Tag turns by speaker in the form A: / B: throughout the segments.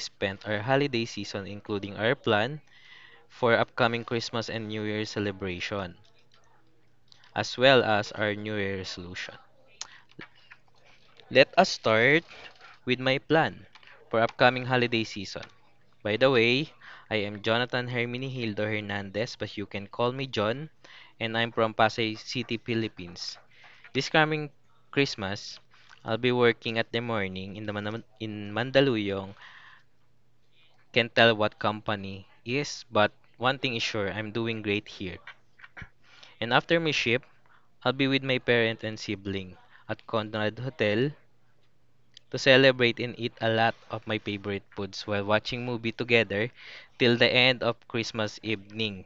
A: spent our holiday season, including our plan for upcoming Christmas and New Year celebration as well as our New Year resolution. Let us start with my plan for upcoming holiday season. By the way, I am Jonathan Herminihildo Hernandez, but you can call me John, and I'm from Pasay City, Philippines. This coming Christmas, I'll be working at the morning in the in Mandaluyong. Can't tell what company is, but one thing is sure, I'm doing great here. And after my shift, I'll be with my parent and sibling at Conrad Hotel to celebrate and eat a lot of my favorite foods while watching movie together till the end of Christmas evening.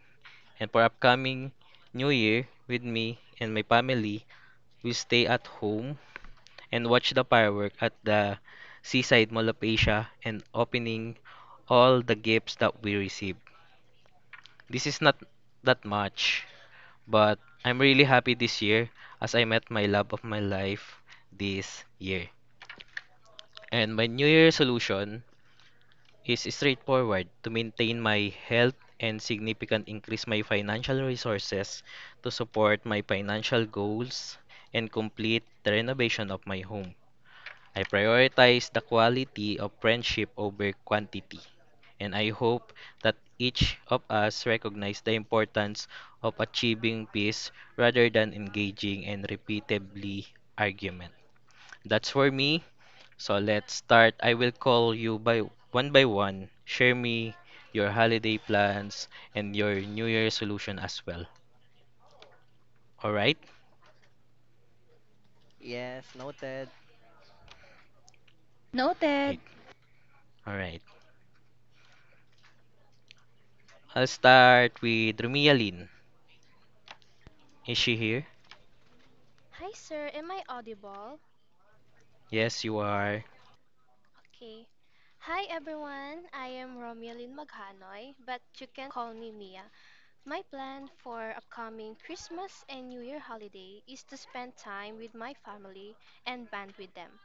A: And for upcoming New Year with me and my family, we stay at home and watch the firework at the Seaside Mall of Asia and opening all the gifts that we receive. This is not that much, but I'm really happy this year as I met my love of my life this year. And my New Year resolution is straightforward to maintain my health and significant increase my financial resources to support my financial goals and complete the renovation of my home. I prioritize the quality of friendship over quantity, and I hope that each of us recognize the importance of achieving peace rather than engaging in repeatedly argument. That's for me. So let's start. I will call you by one by one. Share me your holiday plans and your New Year solution as well. All right?
B: Yes, noted.
C: Noted.
A: All right. I'll start with Rumia Lin. Is she here?
D: Hi, sir. Am I audible?
A: Yes, you are.
D: Okay. Hi, everyone. I am Romualin Maghanoy, but you can call me Mia. My plan for upcoming Christmas and New Year holiday is to spend time with my family and band with them.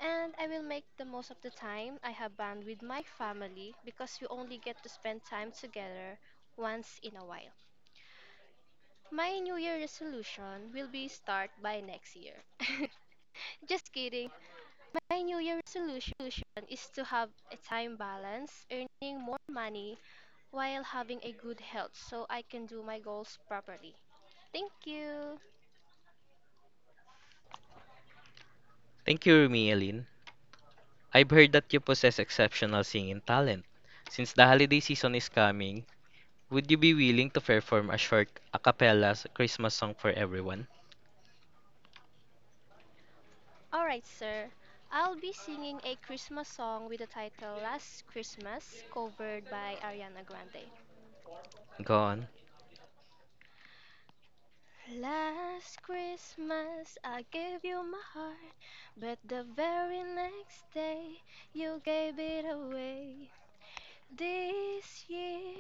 D: And I will make the most of the time I have band with my family because we only get to spend time together once in a while. My New Year resolution will be start by next year. Just kidding. My New Year resolution is to have a time balance, earning more money while having a good health so I can do my goals properly. Thank you.
A: Thank you, Rumi Elin. I've heard that you possess exceptional singing talent. Since the holiday season is coming, would you be willing to perform a short Christmas song for everyone?
D: Alright, sir. I'll be singing a Christmas song with the title Last Christmas, covered by Ariana Grande.
A: Go on.
D: Last Christmas, I gave you my heart, but the very next day, you gave it away. This year,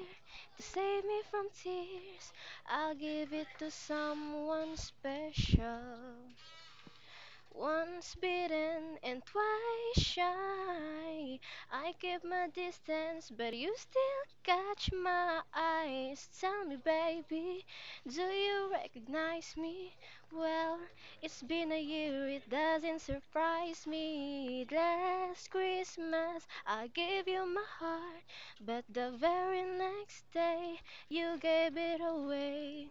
D: to save me from tears, I'll give it to someone special. Once bitten and twice shy, I keep my distance, but you still catch my eyes. Tell me, baby, do you recognize me? Well, it's been a year, it doesn't surprise me. Last Christmas, I gave you my heart, but the very next day, you gave it away.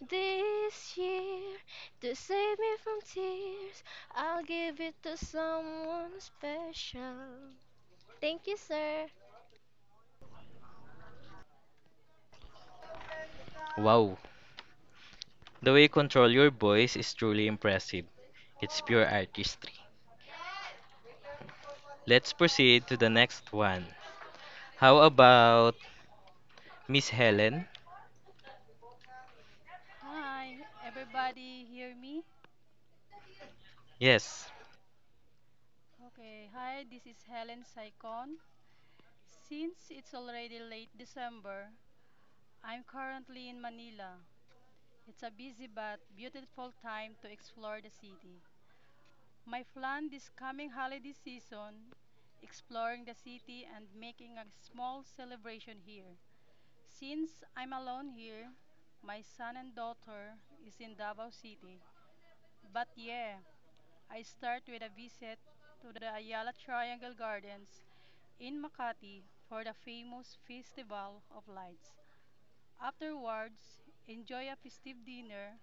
D: This year, to save me from tears, I'll give it to someone special. Thank you, sir.
A: Wow. The way you control your voice is truly impressive. It's pure artistry. Let's proceed to the next one. How about Miss Helen?
E: Hi everybody, hear me?
A: Yes.
E: Okay, hi, this is Helen Saicon. Since it's already late December, I'm currently in Manila. It's a busy but beautiful time to explore the city. My plan this coming holiday season, exploring the city and making a small celebration here, since I'm alone here. My son and daughter is in Davao City. But yeah, I start with a visit to the Ayala Triangle Gardens in Makati for the famous Festival of Lights. Afterwards, enjoy a festive dinner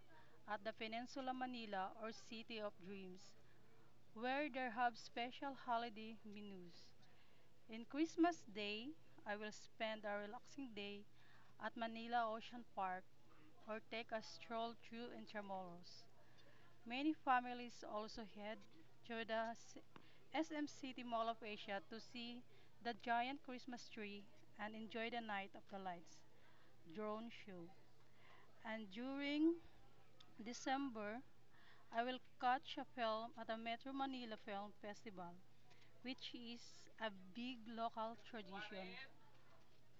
E: at the Peninsula Manila or City of Dreams, where there have special holiday menus. In Christmas Day, I will spend a relaxing day at Manila Ocean Park or take a stroll through Intramuros. Many families also head to the SM City Mall of Asia to see the giant Christmas tree and enjoy the Night of the Lights drone show. And during December, I will catch a film at the Metro Manila Film Festival, which is a big local tradition.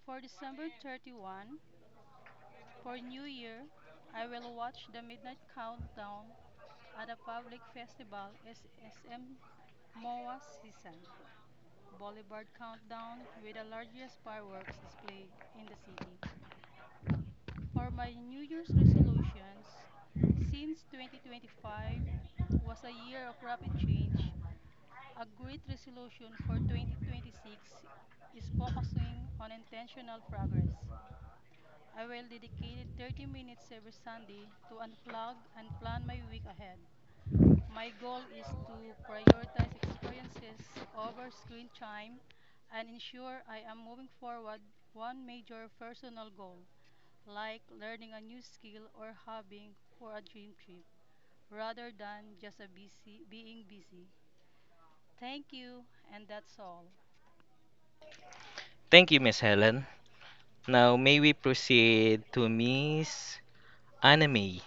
E: For December 31, for New Year, I will watch the Midnight Countdown at a public festival at SM Seaside Boulevard Countdown, with the largest fireworks display in the city. For my New Year's resolutions, since 2025 was a year of rapid change, a great resolution for 2026 is focusing on intentional progress. I will dedicate 30 minutes every Sunday to unplug and plan my week ahead. My goal is to prioritize experiences over screen time and ensure I am moving forward one major personal goal, like learning a new skill or hobby for a dream trip, rather than just a busy being busy. Thank you, and that's all.
A: Thank you, Miss Helen. Now, may we proceed to Miss Anime?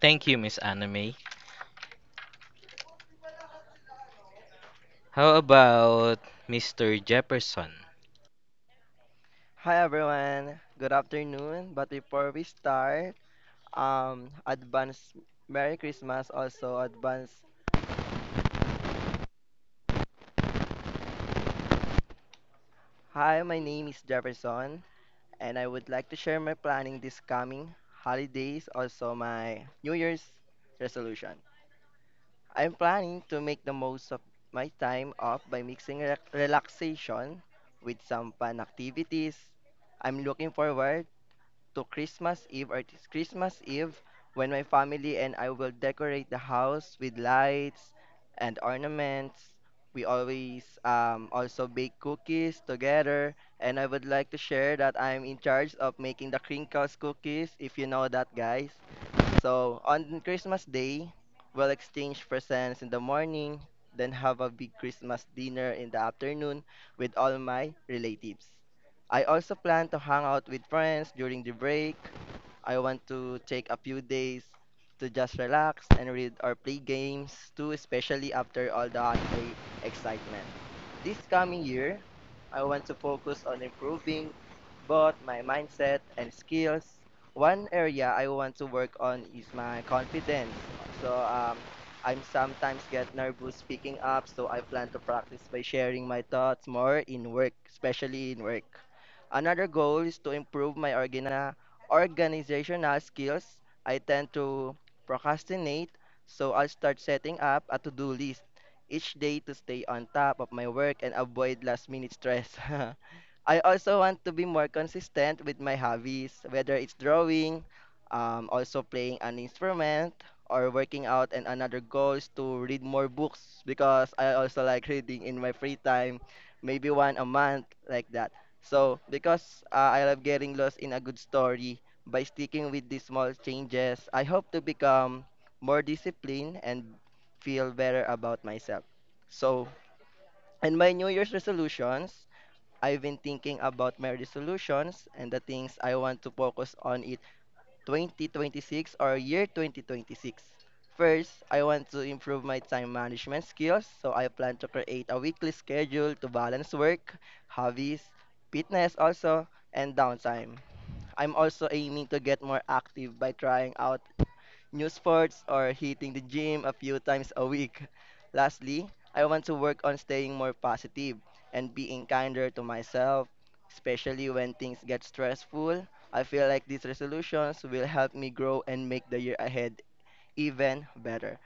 A: Thank you, Miss Anime. How about Mr. Jefferson?
B: Hi everyone. Good afternoon. But before we start, advance Merry Christmas also advance. Hi, my name is Jefferson and I would like to share my planning this coming holidays also my New Year's resolution. I'm planning to make the most of my time off by mixing relaxation with some fun activities. I'm looking forward to Christmas Eve or it's Christmas Eve when my family and I will decorate the house with lights and ornaments. We always also bake cookies together, and I would like to share that I'm in charge of making the crinkles cookies, if you know that, guys. So on Christmas Day, we'll exchange presents in the morning, then have a big Christmas dinner in the afternoon with all my relatives. I also plan to hang out with friends during the break. I want to take a few days to just relax and read or play games too, especially after all the holiday excitement. This coming year, I want to focus on improving both my mindset and skills. One area I want to work on is my confidence. So I'm sometimes get nervous speaking up, so I plan to practice by sharing my thoughts more in work, especially in work. Another goal is to improve my organizational skills. I tend to procrastinate, so I'll start setting up a to-do list each day to stay on top of my work and avoid last-minute stress. I also want to be more consistent with my hobbies, whether it's drawing, also playing an instrument, or working out. And another goal is to read more books because I also like reading in my free time, maybe one a month, like that. So, because I love getting lost in a good story, by sticking with these small changes, I hope to become more disciplined and feel better about myself. So, and my New Year's resolutions. I've been thinking about my resolutions and the things I want to focus on in 2026 or year 2026. First, I want to improve my time management skills, so I plan to create a weekly schedule to balance work, hobbies, fitness also, and downtime. I'm also aiming to get more active by trying out new sports, or hitting the gym a few times a week. Lastly, I want to work on staying more positive and being kinder to myself, especially when things get stressful. I feel like these resolutions will help me grow and make the year ahead even better.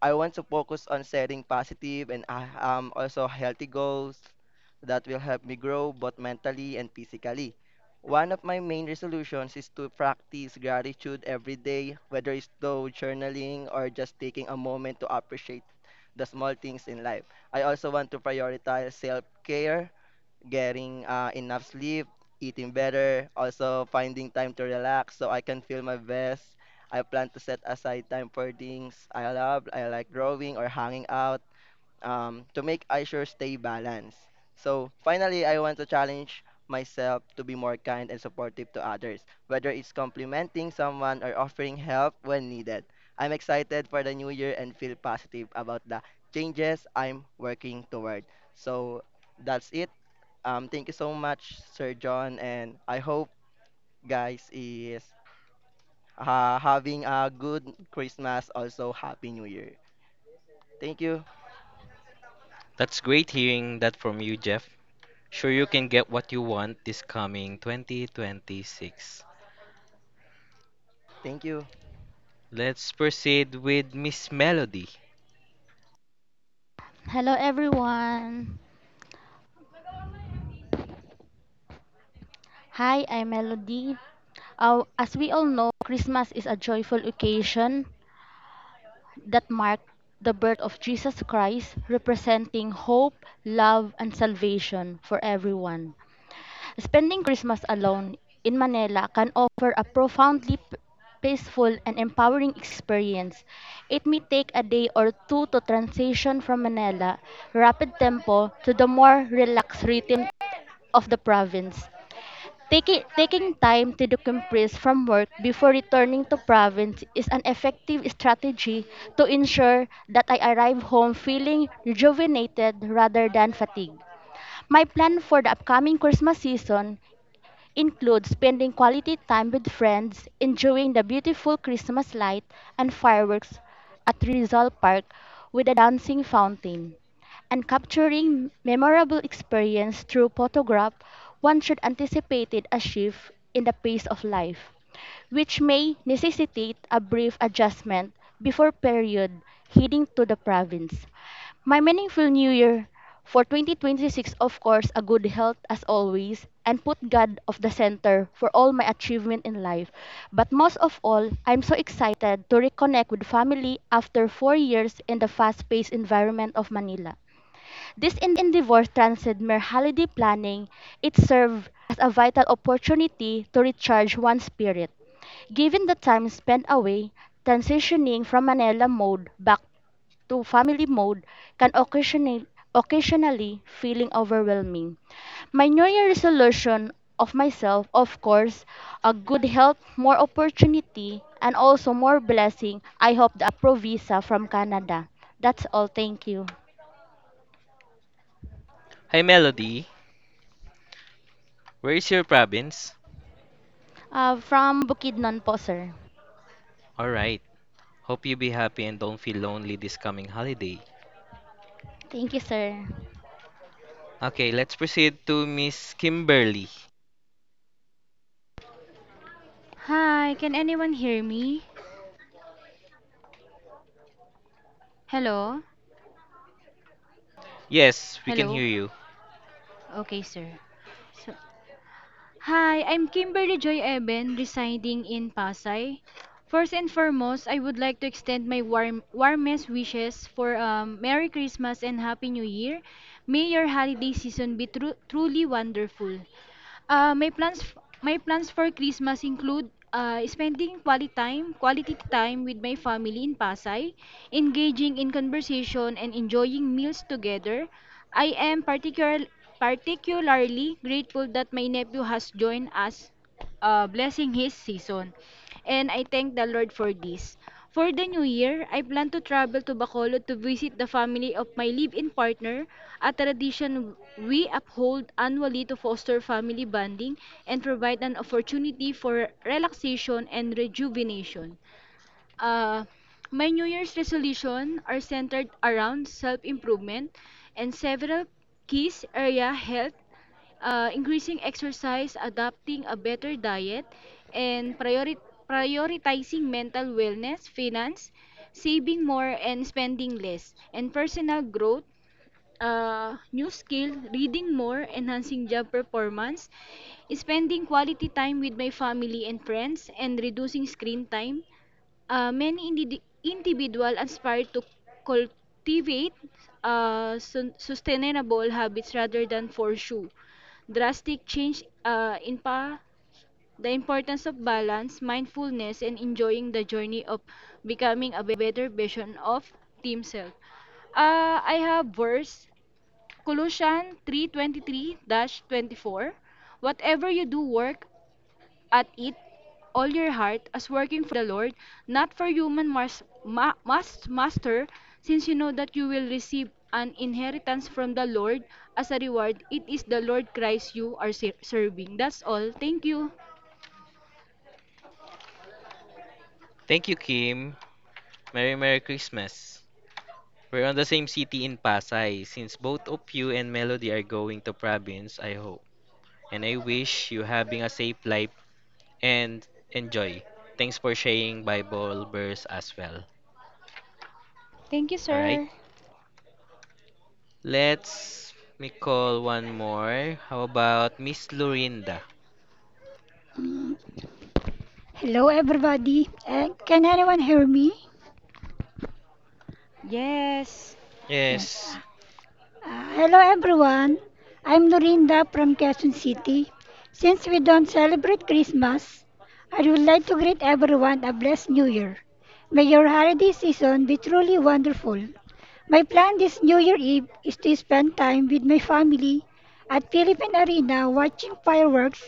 B: I want to focus on setting positive and also healthy goals that will help me grow both mentally and physically. One of my main resolutions is to practice gratitude every day, whether it's through journaling or just taking a moment to appreciate the small things in life. I also want to prioritize self care getting enough sleep, eating better, also finding time to relax so I can feel my best. I plan to set aside time for things I love, I like growing or hanging out to make I sure stay balanced. So finally, I want to challenge myself to be more kind and supportive to others, whether it's complimenting someone or offering help when needed. I'm excited for the new year and feel positive about the changes I'm working toward. So that's it. Thank you so much, Sir John, and I hope guys is having a good Christmas, also Happy New Year. Thank you.
A: That's great hearing that from you, Jeff. Sure, you can get what you want this coming 2026.
B: Thank you.
A: Let's proceed with Miss Melody.
F: Hello, everyone. Hi, I'm Melody. As we all know, Christmas is a joyful occasion that marked the birth of Jesus Christ, representing hope, love, and salvation for everyone. Spending Christmas alone in Manila can offer a profoundly peaceful and empowering experience. It may take a day or two to transition from Manila rapid tempo to the more relaxed rhythm of the province. Taking time to decompress from work before returning to province is an effective strategy to ensure that I arrive home feeling rejuvenated rather than fatigued. My plan for the upcoming Christmas season include spending quality time with friends, enjoying the beautiful Christmas light and fireworks at Rizal Park with a dancing fountain, and capturing memorable experience through photograph. One should anticipate a shift in the pace of life, which may necessitate a brief adjustment before period heading to the province. My meaningful new year for 2026, of course, a good health as always, and put God of the center for all my achievement in life. But most of all, I'm so excited to reconnect with family after 4 years in the fast-paced environment of Manila. This endeavor transcended mere holiday planning. It served as a vital opportunity to recharge one's spirit. Given the time spent away, transitioning from Manila mode back to family mode can occasionally feeling overwhelming. My New Year resolution of myself, of course, a good health, more opportunity, and also more blessing. I hope the appro visa from Canada. That's all. Thank you.
A: Hi, Melody. Where is your province?
F: From Bukidnon po, sir.
A: Alright. Hope you be happy and don't feel lonely this coming holiday.
F: Thank you, sir.
A: Okay, let's proceed to Miss Kimberly.
C: Hi, can anyone hear me? Hello?
A: Yes, we can
C: Hello?
A: hear you.
C: Okay, sir. So, hi, I'm Kimberly Joy Eben, residing in Pasay. First and foremost, I would like to extend my warmest wishes for Merry Christmas and Happy New Year. May your holiday season be truly wonderful. Uh, my plans my plans for Christmas include spending quality time with my family in Pasay, engaging in conversation and enjoying meals together. I am particularly grateful that my nephew has joined us, blessing his season, and I thank the Lord for this. For the new year, I plan to travel to Bacolod to visit the family of my live-in partner, a tradition we uphold annually to foster family bonding and provide an opportunity for relaxation and rejuvenation. Uh, my New Year's resolution are centered around self-improvement and several keys area health, increasing exercise, adopting a better diet, and prioritizing mental wellness, finance, saving more and spending less, and personal growth, new skill, reading more, enhancing job performance, spending quality time with my family and friends, and reducing screen time. Many individual aspire to cultivate sustainable habits rather than pursue drastic change in the importance of balance, mindfulness, and enjoying the journey of becoming a better version of themselves. I have verse Colossians 3:23-24. Whatever you do, work at it all your heart as working for the Lord, not for human master, since you know that you will receive an inheritance from the Lord as a reward. It is the Lord Christ you are serving. That's all. Thank you.
A: Thank you, Kim. Merry Christmas. We're on the same city in Pasay. Since both of you and Melody are going to province, I hope. And I wish you having a safe life and enjoy. Thanks for sharing Bible verse as well.
C: Thank you,
A: Alright?
C: sir.
A: Let's me call one more. How about Miss Lorinda?
G: Hello, everybody. Can anyone hear me?
C: Yes.
G: Yes.
A: Yes.
G: Hello, everyone. I'm Norinda from Quezon City. Since we don't celebrate Christmas, I would like to greet everyone a blessed New Year. May your holiday season be truly wonderful. My plan this New Year Eve is to spend time with my family at Philippine Arena watching fireworks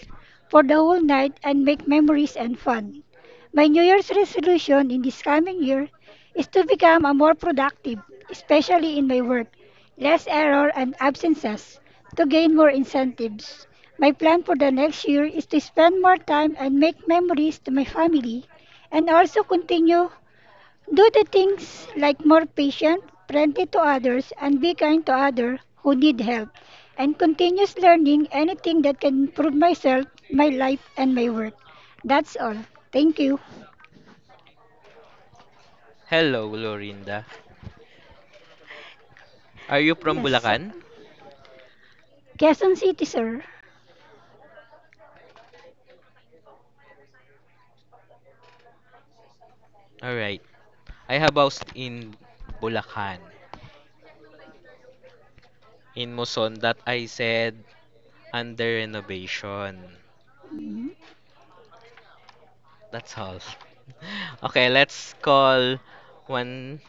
G: for the whole night and make memories and fun. My New Year's resolution in this coming year is to become a more productive, especially in my work, less error and absences, to gain more incentives. My plan for the next year is to spend more time and make memories to my family and also continue do the things like more patient, friendly to others and be kind to others who need help and continuous learning anything that can improve myself, my life and my work. That's all. Thank you.
A: Hello, Lorinda. Are you from
G: Yes, sir.
A: Bulacan?
G: Quezon City, sir.
A: Alright. I have housed in Bulacan. In Muson that I said under renovation.
G: Mhm.
A: That's all. Okay, let's call one.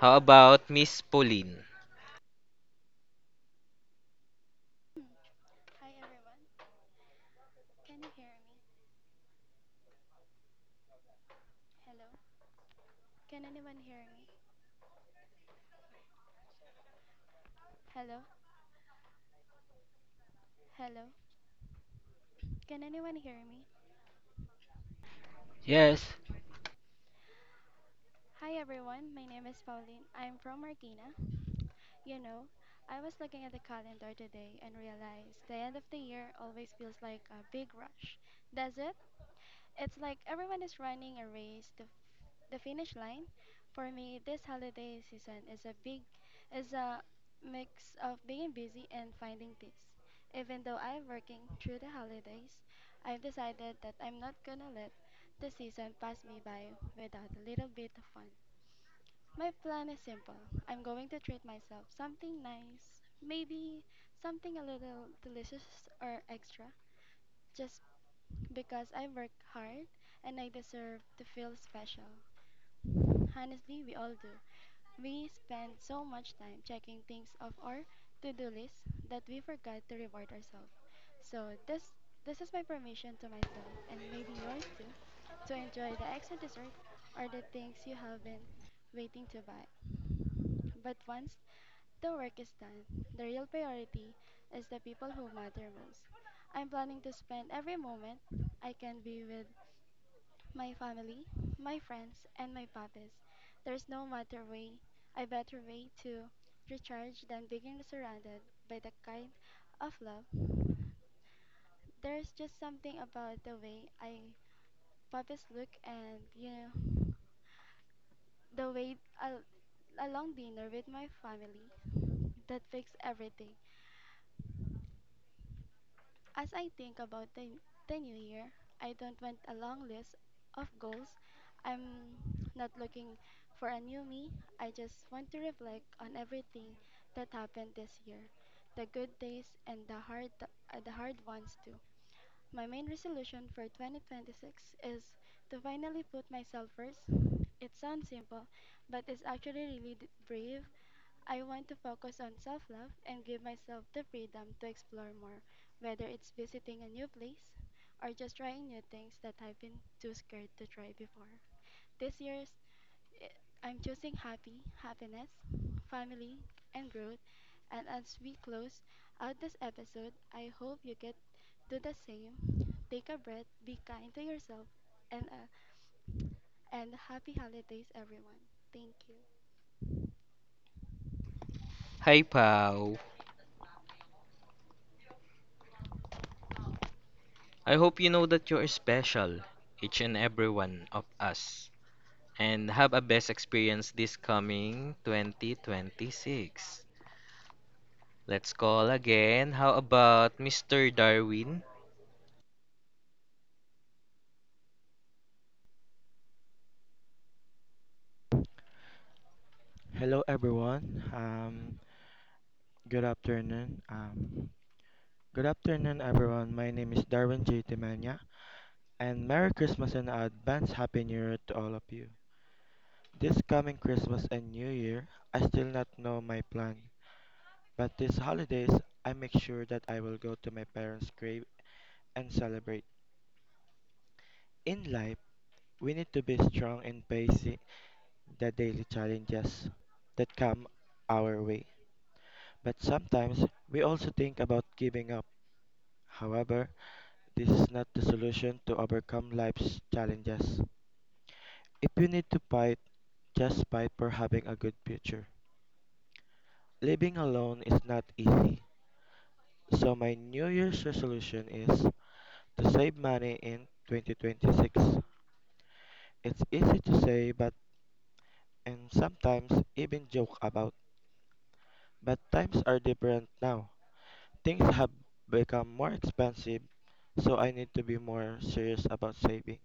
A: How about Miss Pauline?
H: Hmm. Hi everyone. Can you hear me? Hello. Can anyone hear me? Hello. Hello. Can anyone hear me?
I: Yes,
H: Hi everyone. My name is Pauline. I'm from Marikina. You know, I was looking at the calendar today and realized the end of the year always feels like a big rush. Does it? It's like everyone is running a race to the finish line. For me, this holiday season is a big is a mix of being busy and finding peace. Even though I'm working through the holidays, I've decided that I'm not gonna let the season pass me by without a little bit of fun. My plan is simple. I'm going to treat myself something nice, maybe something a little delicious or extra, just because I work hard and I deserve to feel special. Honestly, we all do. We spend so much time checking things off our to-do list that we forgot to reward ourselves. So this is my permission to myself, and maybe yours too, to enjoy the extra dessert or the things you have been waiting to buy. But once the work is done, the real priority is the people who matter most. I'm planning to spend every moment I can be with my family, my friends, and my puppies. There's no matter way, a better way to recharge than being surrounded by the kind of love. There's just something about the way I puppies look and the way I, a long dinner with my family that fixes everything. As I think about the new year, I don't want a long list of goals. I'm not looking for a new me. I just want to reflect on everything that happened this year, the good days and the hard ones too. My main resolution for 2026 is to finally put myself first. It sounds simple, but it's actually really brave. I want to focus on self love and give myself the freedom to explore more, whether it's visiting a new place or just trying new things that I've been too scared to try before. This year's, eh, I'm choosing happiness, family, and growth. And as we close out this episode, I hope you get do the same. Take a breath, be kind to yourself, and, uh, and happy holidays, everyone. Thank you.
A: Hi, Pau. I hope you know that you are special, each and every one of us, and have a best experience this coming 2026. Let's call again. How about Mr. Darwin?
J: Hello everyone. Good afternoon. Good afternoon everyone. My name is Darwin J. Temania, and Merry Christmas and advance Happy New Year to all of you. This coming Christmas and New Year, I still not know my plan, but these holidays I make sure that I will go to my parents' grave and celebrate. In life, we need to be strong in facing the daily challenges that come our way. But sometimes we also think about giving up. However, this is not the solution to overcome life's challenges. If you need to fight, just fight for having a good future. Living alone is not easy. So my New Year's resolution is to save money in 2026. It's easy to say but and sometimes even joke about. But times are different now. Things have become more expensive, so I need to be more serious about saving.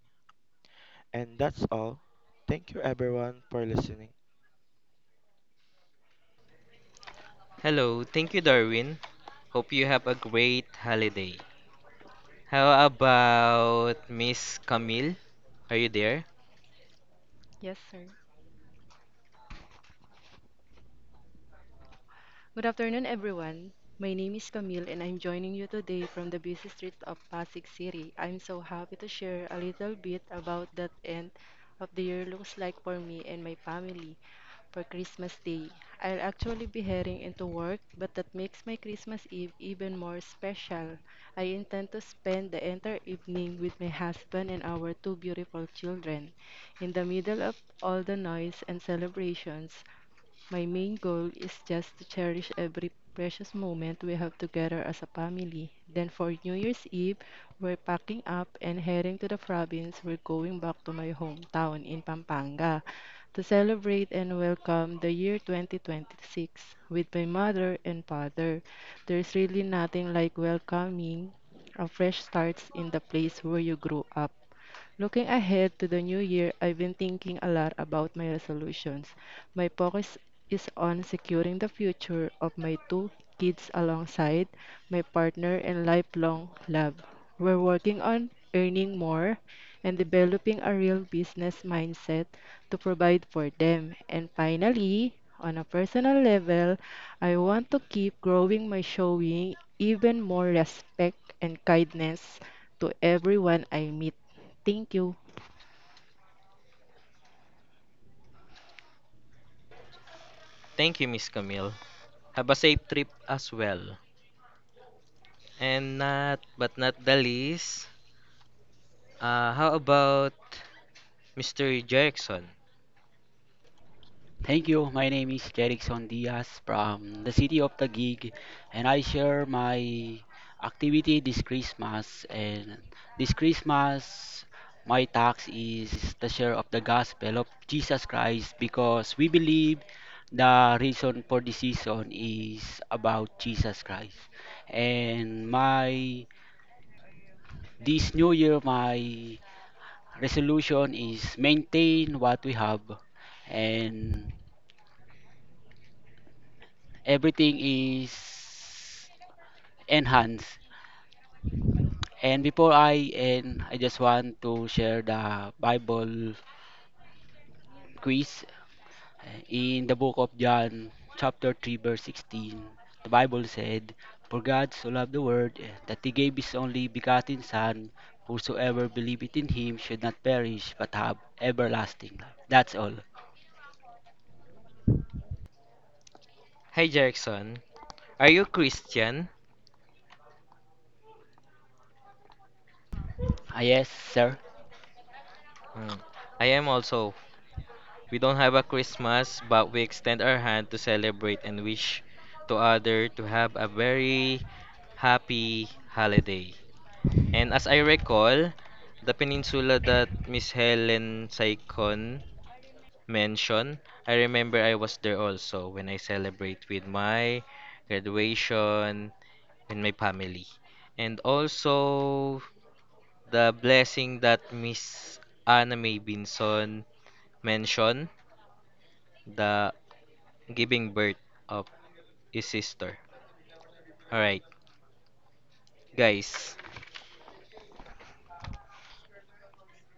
J: And that's all. Thank you everyone for listening.
A: Hello, thank you, Darwin. Hope you have a great holiday. How about Miss Camille? Are you there?
K: Yes, sir. Good afternoon, everyone. My name is Camille, and I'm joining you today from the busy streets of Pasig City. I'm so happy to share a little bit about that end of the year looks like for me and my family for Christmas Day. I'll actually be heading into work, but that makes my Christmas Eve even more special. I intend to spend the entire evening with my husband and our two beautiful children. In the middle of all the noise and celebrations, my main goal is just to cherish every precious moment we have together as a family. Then for New Year's Eve, we're packing up and heading to the province. We're going back to my hometown in Pampanga to celebrate and welcome the year 2026 with my mother and father. There's really nothing like welcoming a fresh starts in the place where you grew up. Looking ahead to the new year, I've been thinking a lot about my resolutions. My focus is on securing the future of my two kids alongside my partner and lifelong love. We're working on earning more and developing a real business mindset to provide for them. And finally, on a personal level, I want to keep growing my showing even more respect and kindness to everyone I meet. Thank you.
A: Thank you, Miss Camille. Have a safe trip as well. And not, but not the least, how about Mr. Jerickson?
I: thank you. My name is Jerickson Diaz from the city of Taguig, and I share my activity this Christmas. And this Christmas, my task is the share of the gospel of Jesus Christ because we believe the reason for this season is about Jesus Christ. And my this new year, my resolution is maintain what we have and everything is enhanced. And before I end, I just want to share the Bible quiz in the book of John, chapter 3, verse 16. The Bible said, "For God so loved the world that he gave his only begotten Son, whosoever believeth in him should not perish but have everlasting life." That's all.
A: Hi, Jerickson. Are you Christian?
I: Ah, yes, sir.
A: Mm, I am also. We don't have a Christmas, but we extend our hand to celebrate and wish to other to have a very happy holiday. And as I recall, the peninsula that Miss Helen Saikon mention, I remember I was there also when I celebrate with my graduation and my family. And also the blessing that Miss Anna May Binson mentioned, the giving birth of his sister. Alright, guys,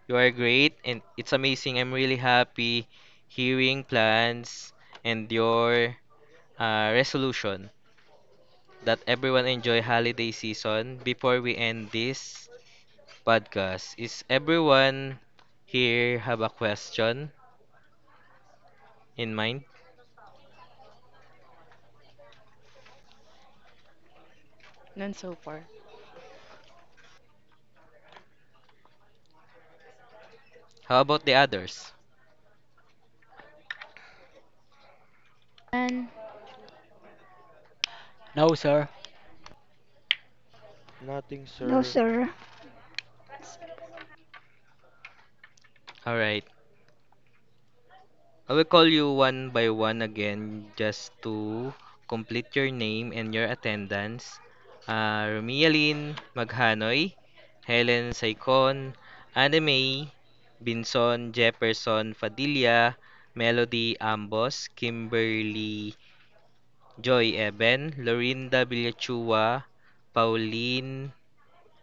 A: you are great and it's amazing. I'm really happy hearing plans and your resolution that everyone enjoy holiday season. Before we end this podcast. Is everyone here have a question in mind?
K: And so far.
A: How about the others?
C: And
I: No, sir.
J: Nothing,
G: No,
J: sir.
G: sir.
A: All right. I will call you one by one again just to complete your name and your attendance. Romialin Maghanoy, Helen Saicon, Anime, Binson Jefferson Fadilla, Melody Ambos, Kimberly Joy Eben, Lorinda Villachua, Pauline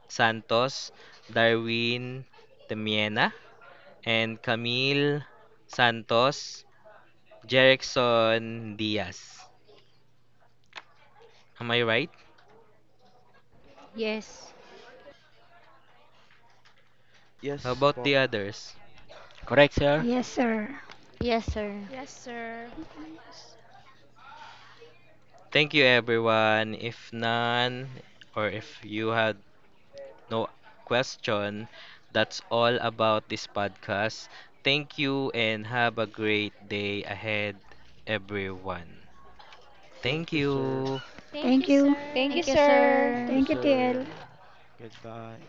A: Santos, Darwin Temiena, and Camille Santos, Jerickson Diaz. Am I right?
C: Yes.
A: How
J: Yes
A: about
J: po.
A: the others?
I: Correct, sir.
G: Yes, sir.
F: Yes, sir.
D: Yes, sir.
A: Thank you, everyone. If none, or if you had no question, that's all about this podcast. Thank you and have a great day ahead, everyone. Thank
J: Thank you, sir.
A: you.
D: Thank
G: Thank
D: you,
G: you.
C: Thank you,
F: Thank
D: sir.
F: you,
C: sir.
J: Thank you,
F: sir.
G: Thank you, TL.
J: sir. Goodbye.